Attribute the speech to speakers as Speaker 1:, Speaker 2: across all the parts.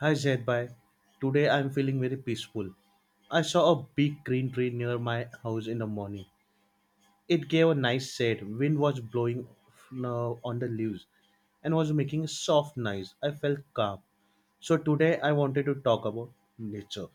Speaker 1: Hi Zaidbhai, today I'm feeling very peaceful. I saw a big green tree near my house in the morning. It gave a nice shade. Wind was blowing on the leaves and was making a soft noise. I felt calm. So today I wanted to talk about nature.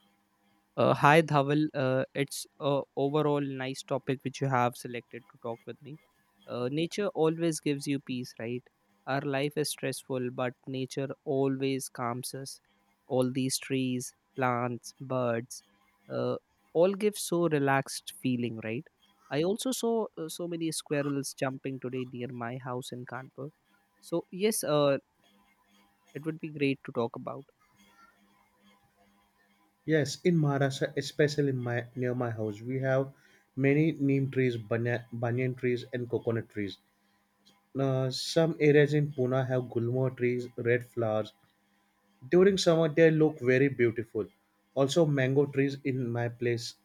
Speaker 2: Hi Dhaval. It's a overall nice topic which you have selected to talk with me. Nature always gives you peace, right? Our life is stressful, but nature always calms us. All these trees, plants, birds, uh, all give so relaxed feeling, right? I also saw so many squirrels jumping today near my house in Kanpur. So yes, it would be great to talk about.
Speaker 1: Yes, in Maharashtra, especially near my house, we have many neem trees, banyan trees, and coconut trees. Now, some areas in Pune have gulmo trees, red flowers, during summer, they look very beautiful. Also, mango trees in my place,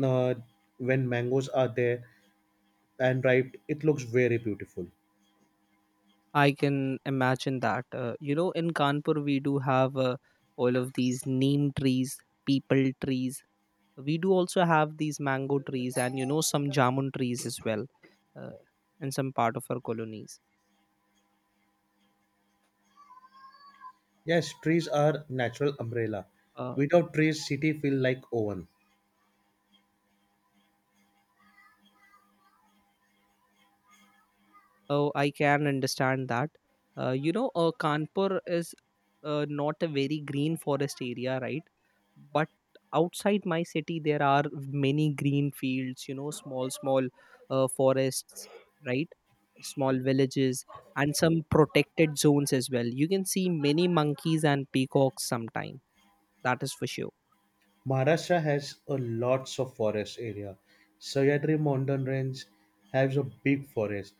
Speaker 1: uh, when mangoes are there and ripe, it looks very beautiful.
Speaker 2: I can imagine that. You know, in Kanpur, we do have all of these neem trees, people trees. We do also have these mango trees and, you know, some jamun trees as well uh, in some part of our colonies.
Speaker 1: Yes, trees are natural umbrella.
Speaker 2: Uh,
Speaker 1: Without trees, city feel like oven.
Speaker 2: Oh, I can understand that. You know, Kanpur is not a very green forest area, right? But outside my city, there are many green fields, you know, small, small forests, right? Small villages and some protected zones as well. You can see many monkeys and peacocks sometime. That is for sure.
Speaker 1: Maharashtra has a lots of forest area. Sahyadri mountain range has a big forest.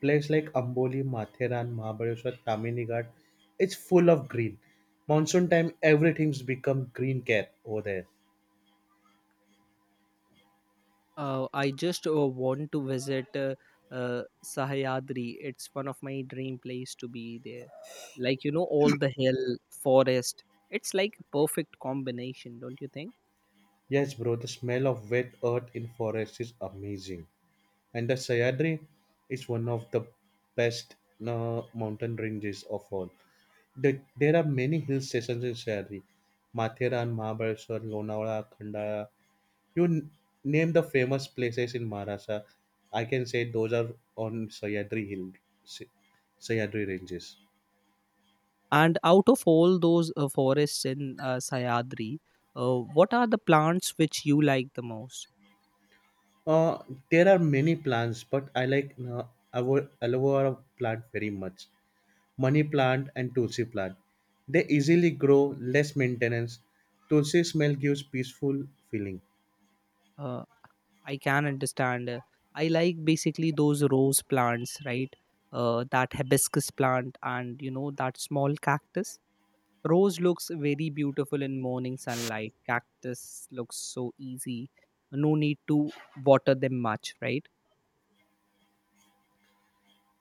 Speaker 1: Place like Amboli, Matheran, Mahabaleshwar, Tamini Ghat, it's full of green. Monsoon time, everything's become green cap over there.
Speaker 2: I just want to visit Sahyadri. It's one of my dream place to be there. Like you know, all the hill, forest. It's like a perfect combination, don't you think?
Speaker 1: Yes, bro, the smell of wet earth in forest is amazing. And the Sayadri is one of the best mountain ranges of all. There are many hill stations in Sayadri. Matheran, Mahabaleshwar, Lonavala, Khandala. You n- Name the famous places in Maharashtra. I can say those are on Sayadri Hill, Sa- Sayadri ranges.
Speaker 2: And out of all those forests in Sahyadri, what are the plants which you like the most?
Speaker 1: Uh, there are many plants, but I like aloe vera plant very much, money plant and tulsi plant. They easily grow, less maintenance. Tulsi smell gives peaceful feeling.
Speaker 2: Uh, I can understand. I like basically those rose plants, right? That hibiscus plant and you know that small cactus. Rose looks very beautiful in morning sunlight. Cactus looks so easy. No need to water them much, right?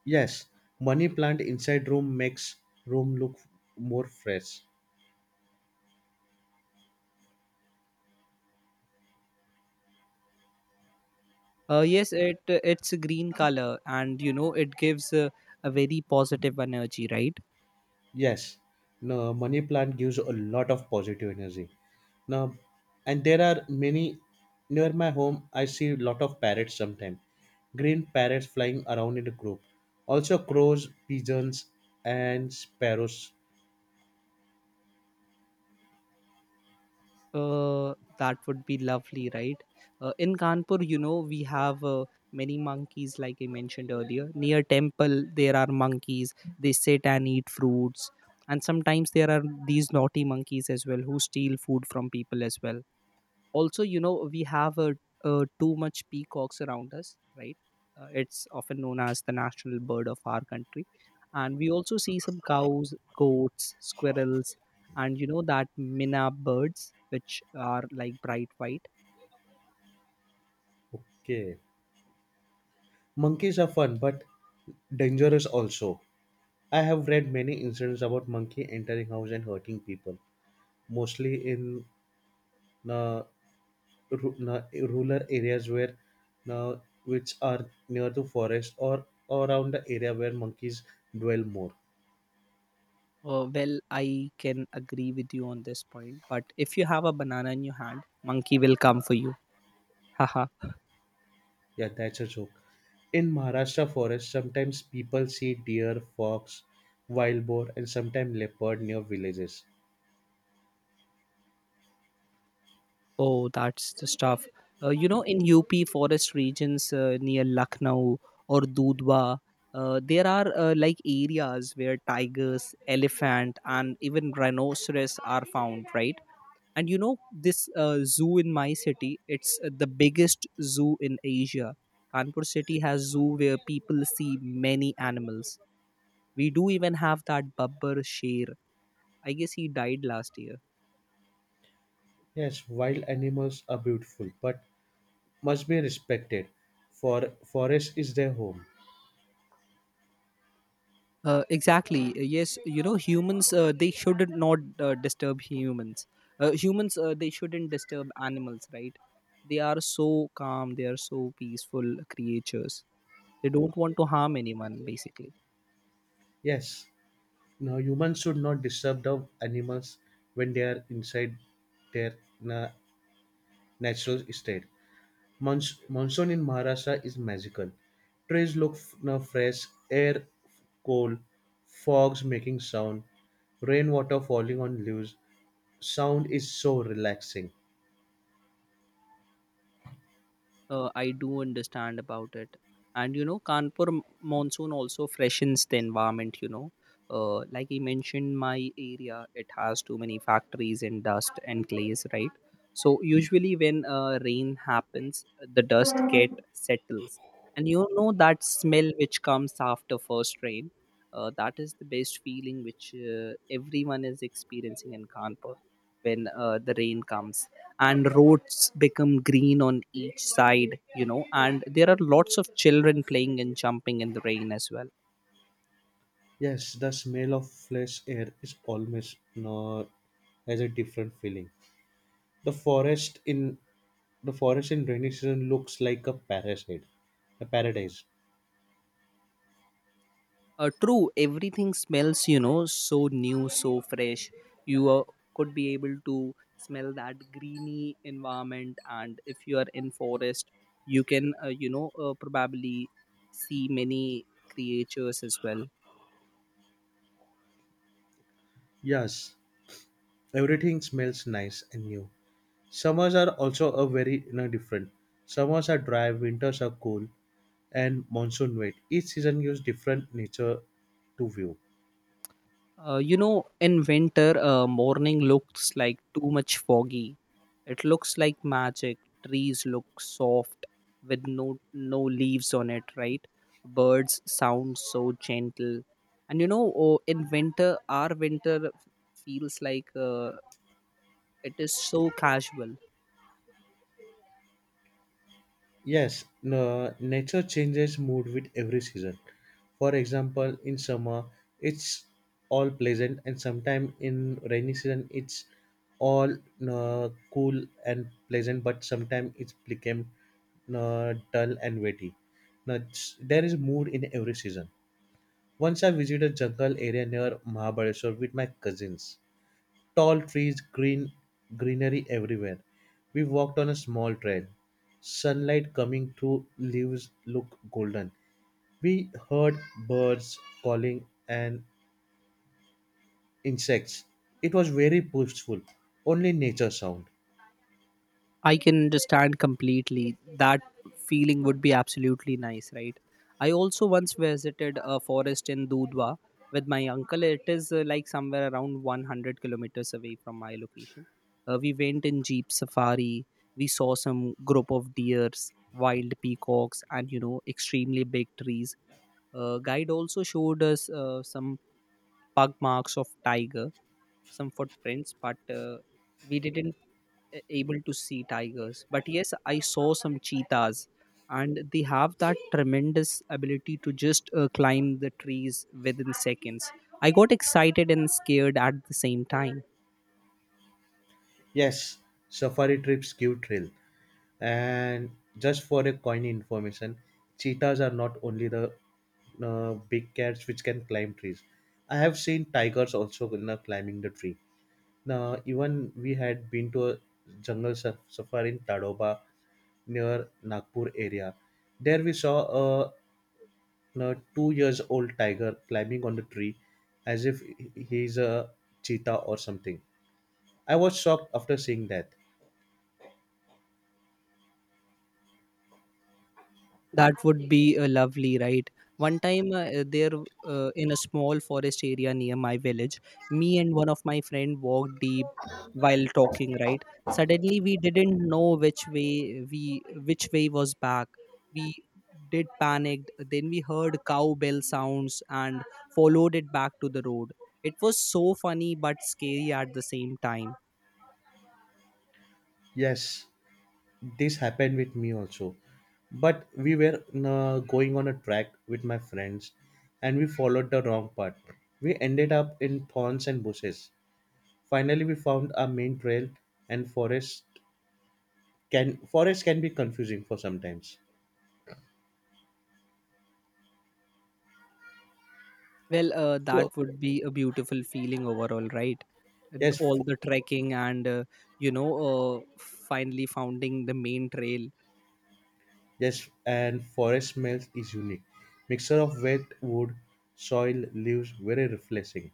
Speaker 1: Yes, money plant inside room makes room look more fresh.
Speaker 2: Yes, it's a green color, and you know it gives a very positive energy, right?
Speaker 1: Yes, no, money plant gives a lot of positive energy. Now, and there are many near my home. I see a lot of parrots sometimes. Green parrots flying around in a group. Also crows, pigeons, and sparrows.
Speaker 2: That would be lovely, right? In Kanpur, you know, we have many monkeys, like I mentioned earlier. Near temple, there are monkeys. They sit and eat fruits, and sometimes there are these naughty monkeys as well who steal food from people as well. Also you know we have too much peacocks around us, right? It's often known as the national bird of our country, and we also see some cows, goats, squirrels, and you know that minna birds which are like bright white.
Speaker 1: Okay. Monkeys are fun but dangerous also. I have read many incidents about monkey entering house and hurting people, mostly in uh, rural areas where uh, which are near to forest or around the area where monkeys dwell more.
Speaker 2: Well, I can agree with you on this point, but if you have a banana in your hand, monkey will come for you. Haha.
Speaker 1: Yeah, that's a joke. In Maharashtra forest, sometimes people see deer, fox, wild boar, and sometimes leopard near villages.
Speaker 2: Oh, that's the stuff. You know, in UP forest regions near Lucknow or Dudhwa, there are like areas where tigers, elephant, and even rhinoceros are found, right? And you know, this zoo in my city, it's the biggest zoo in Asia. Kanpur city has zoo where people see many animals. We do even have that Babbar Sher. I guess he died last year.
Speaker 1: Yes, wild animals are beautiful, but must be respected for forest is their home.
Speaker 2: Exactly. Yes, you know, humans they should not disturb humans. Humans they shouldn't disturb animals, right? They are so calm. They are so peaceful creatures. They don't want to harm anyone, basically.
Speaker 1: Yes, now humans should not disturb the animals when they are inside their na- natural state. Monsoon in Maharashtra is magical. Now, fresh air, cold fogs making sound, rainwater falling on leaves, sound is so relaxing.
Speaker 2: I do understand about it. And you know, Kanpur monsoon also freshens the environment. You know, like he mentioned, my area it has too many factories and dust and clays, right? So usually when rain happens, the dust get settles, and you know that smell which comes after first rain. That is the best feeling which everyone is experiencing in Kanpur when the rain comes and roads become green on each side. You know and there are lots of children playing and jumping in the rain as well.
Speaker 1: Yes, the smell of fresh air is almost not, has a different feeling. the forest in The forest in rainy season looks like a paradise.
Speaker 2: True, everything smells you know so new so fresh. You could be able to smell that greeny environment, and if you are in forest, you can you know, probably see many creatures as well.
Speaker 1: Yes, everything smells nice and new. Summers are also a very you know, different. Summers are dry, winters are cool, and monsoon wet. Each season gives different nature to view.
Speaker 2: You know, in winter morning looks like too much foggy. It looks like magic. Trees look soft with no leaves on it, right? Birds sound so gentle. And you know, oh, in winter, our winter feels like it is so casual.
Speaker 1: Yes, no, nature changes mood with every season. For example, in summer, it's all pleasant, and sometimes in rainy season, it's all no, cool and pleasant, but sometimes it's became no, dull and wetty. Now, it's- there is mood in every season. Once I visited jungle area near Mahabaleshwar with my cousins. Tall trees, greenery everywhere. We walked on a small trail. Sunlight coming through leaves looked golden. We heard birds calling and insects. It was very peaceful. Only nature sound.
Speaker 2: I can understand completely. That feeling would be absolutely nice, right? I also once visited a forest in Dudhwa with my uncle. It is like somewhere around 100 kilometers away from my location. We went in jeep safari. We saw some group of deers, wild peacocks, and you know, extremely big trees. Guide also showed us some pug marks of tiger, some footprints, but we didn't a- able to see tigers, but yes I saw some cheetahs, and they have that tremendous ability to just climb the trees within seconds. I got excited and scared at the same time.
Speaker 1: Yes, safari trips give thrill. And just for a coin information, cheetahs are not only the big cats which can climb trees. I have seen tigers also you know, climbing the tree. Now, even we had been to a safari in Tadoba near Nagpur area. There we saw a, a 2 years old tiger climbing on the tree as if he is a cheetah or something. I was shocked after seeing that.
Speaker 2: That would be lovely, right? One time, there in a small forest area near my village, me and one of my friend walked deep while talking. Right, suddenly we didn't know which way was back. We did panicked. Then we heard cowbell sounds and followed it back to the road. It was so funny but scary at the same time.
Speaker 1: Yes, this happened with me also. But we were going on a track with my friends and we followed the wrong path. We ended up in thorns and bushes. Finally, we found our main trail and forest can be confusing for sometimes.
Speaker 2: Well, that
Speaker 1: So
Speaker 2: would be a beautiful feeling overall, right? And
Speaker 1: yes,
Speaker 2: all
Speaker 1: fo-
Speaker 2: the trekking and you know, uh, finally founding the main trail.
Speaker 1: yes, and forest smells is unique. Mixture of wet wood, soil, leaves, very refreshing,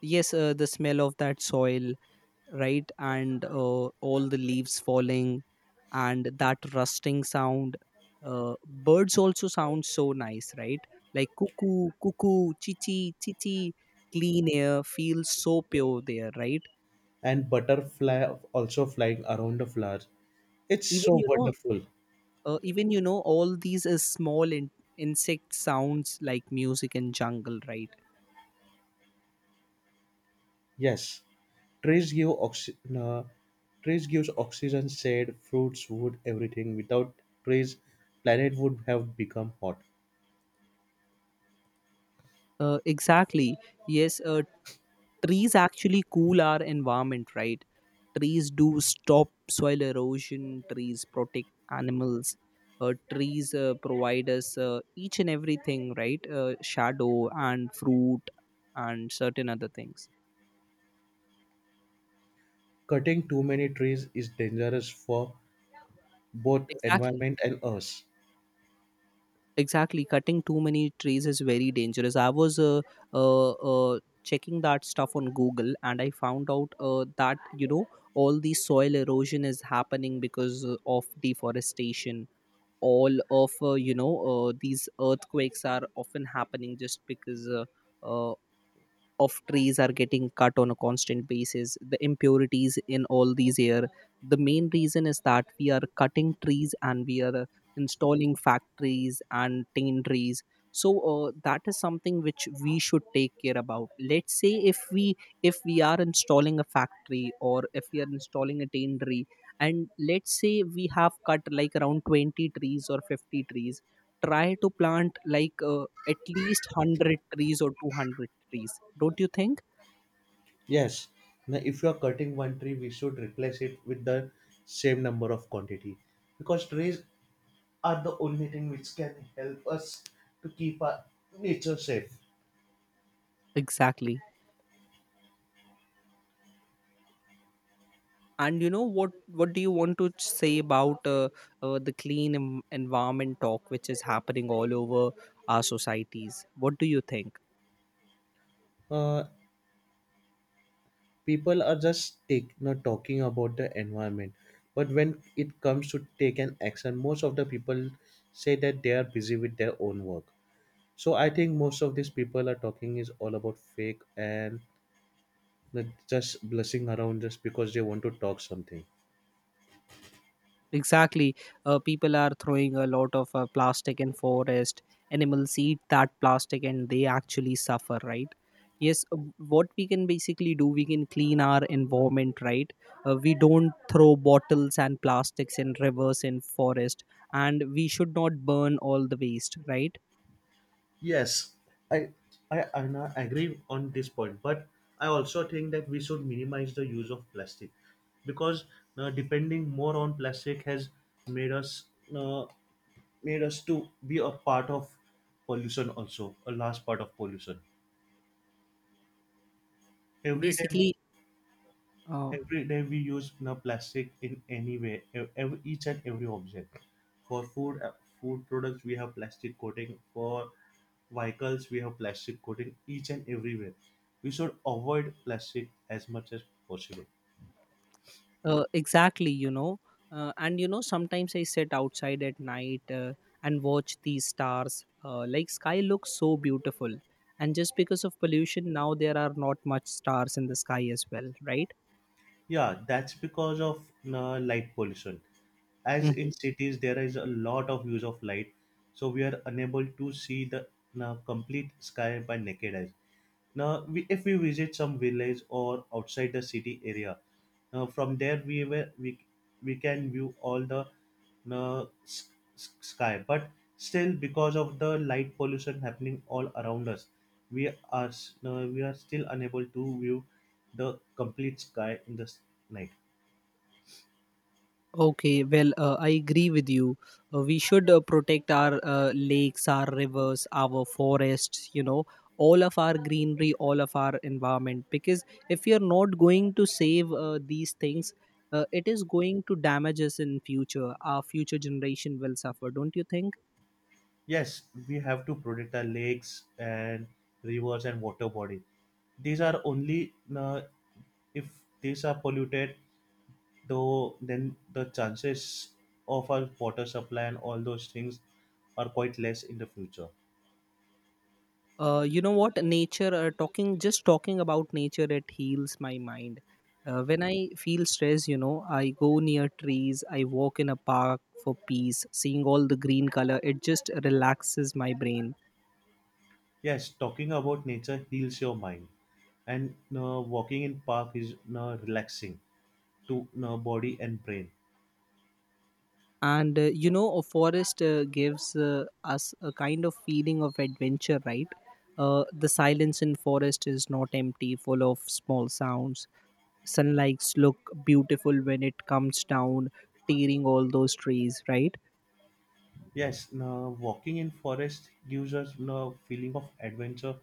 Speaker 2: Yes, the smell of that soil, right, and all the leaves falling, and that rusting sound. Birds also sound so nice, right? Like cuckoo, cuckoo, chichi, chichi. Clean air feels so pure there, right?
Speaker 1: and butterfly also flying around the flowers. It's
Speaker 2: Even
Speaker 1: so
Speaker 2: you know
Speaker 1: wonderful.
Speaker 2: even you know all these small in- insect sounds like music in jungle, right?
Speaker 1: Yes, trees give oxy- uh, trees gives oxygen, shade, fruits, wood, everything. Without trees, planet would have become hot.
Speaker 2: Exactly. Yes, trees actually cool our environment, right? Trees do stop soil erosion, trees protect animals. Trees provide us each and everything, right? Shadow and fruit and certain other things.
Speaker 1: Cutting too many trees is dangerous for both
Speaker 2: Exactly.
Speaker 1: environment and us.
Speaker 2: Exactly, cutting too many trees is very dangerous. I was checking that stuff on Google, and I found out that you know all the soil erosion is happening because of deforestation. All of these earthquakes are often happening just because uh, of trees are getting cut on a constant basis. The impurities in all these air, the main reason is that we are cutting trees and we are installing factories and tin. So that is something which we should take care about. Let's say if we are installing a factory or if we are installing a tin, and let's say we have cut like around 20 trees or 50 trees, try to plant like at least 100 trees or 200 trees, don't you think?
Speaker 1: Yes. Now, if you are cutting one tree, we should replace it with the same number of quantity because trees are the only thing which can help us to keep our nature safe.
Speaker 2: Exactly, and you know what do you want to say about the clean environment talk which is happening all over our societies? What do you think?
Speaker 1: Uh, People are just take, not talking about the environment, but when it comes to take an action, most of the people say that they are busy with their own work. So I think most of these people are talking is all about fake and not just blessing around just because they want to talk something.
Speaker 2: Exactly. People are throwing a lot of plastic in forest. Animals eat that plastic and they actually suffer, right? Yes, what we can basically do, we can clean our environment, right? We don't throw bottles and plastics in rivers in forest, and we should not burn all the waste, right?
Speaker 1: Yes, I, agree on this point, but I also think that we should minimize the use of plastic because depending more on plastic has made us uh, made us to be a part of pollution, also a large part of pollution every day.
Speaker 2: Basically, uh,
Speaker 1: Every day we use you know, plastic in any way, every, each and every object. For food, food products, we have plastic coating. For vehicles, we have plastic coating each and everywhere. We should avoid plastic as much as possible.
Speaker 2: Exactly, you know. And you know, sometimes I sit outside at night and watch these stars. Like sky looks so beautiful, and just because of pollution, now there are not much stars in the sky as well, right?
Speaker 1: Yeah, that's because of you light pollution. As
Speaker 2: Mhm.
Speaker 1: in cities, there is a lot of use of light, so we are unable to see the you complete sky by naked eyes. Now, if we visit some village or outside the city area, now from there we can view all the uh, s- sky. But still, because of the light pollution happening all around us, we are still unable to view the complete sky in the night.
Speaker 2: Okay, well, I agree with you. We should protect our lakes, our rivers, our forests, you know, all of our greenery, all of our environment. Because if we are not going to save these things, it is going to damage us in future. Our future generation will suffer, don't you think?
Speaker 1: Yes, we have to protect our lakes and rivers and water body. These are only if these are polluted though then the chances of our water supply and all those things are quite less in the future.
Speaker 2: You know what, nature talking just talking about nature, it heals my mind. When I feel stress, you know, I go near trees, I walk in a park for peace, seeing all the green color it just relaxes my brain.
Speaker 1: Yes, talking about nature heals your mind, and walking in park is relaxing to body and brain.
Speaker 2: And you know a forest gives us a kind of feeling of adventure, right? The silence in forest is not empty, full of small sounds. Sunlights look beautiful when it comes down tearing all those trees, right?
Speaker 1: Yes, walking in forest gives us a feeling of adventure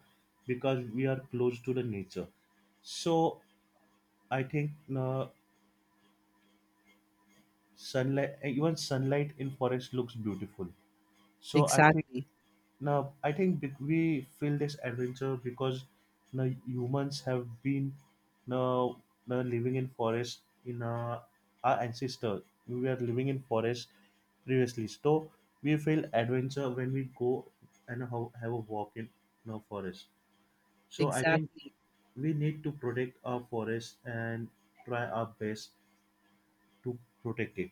Speaker 1: because we are close to the nature. So I think uh, even sunlight in forest looks beautiful. So I think
Speaker 2: Exactly,
Speaker 1: now I think we feel this adventure because you know, humans have been you know, living in forest in our ancestors. We were living in forest previously, so we feel adventure when we go and have a walk in you forest. So I think
Speaker 2: exactly,
Speaker 1: we need to protect our forest and try our best to protect it.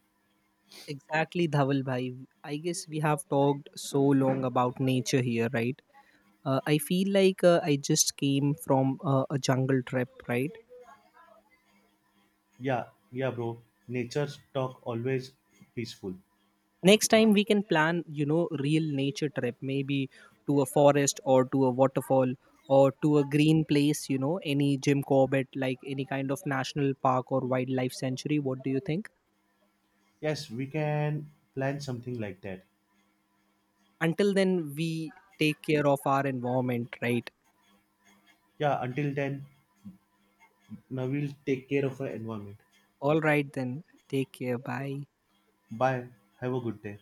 Speaker 2: exactly, Dhawal bhai. I guess we have talked so long about nature here, right? I feel like I just came from a jungle trip, right?
Speaker 1: Yeah, yeah, bro. Nature's talk always peaceful.
Speaker 2: Next time we can plan, you know, real nature trip, maybe to a forest or to a waterfall or to a green place, you know, any Jim Corbett, like any kind of national park or wildlife sanctuary. What do you think?
Speaker 1: Yes, we can plan something like that.
Speaker 2: Until then we take care of our environment, right?
Speaker 1: Yeah, until then, now we'll take care of our environment.
Speaker 2: All right then, take care, bye.
Speaker 1: Bye. Have a good day.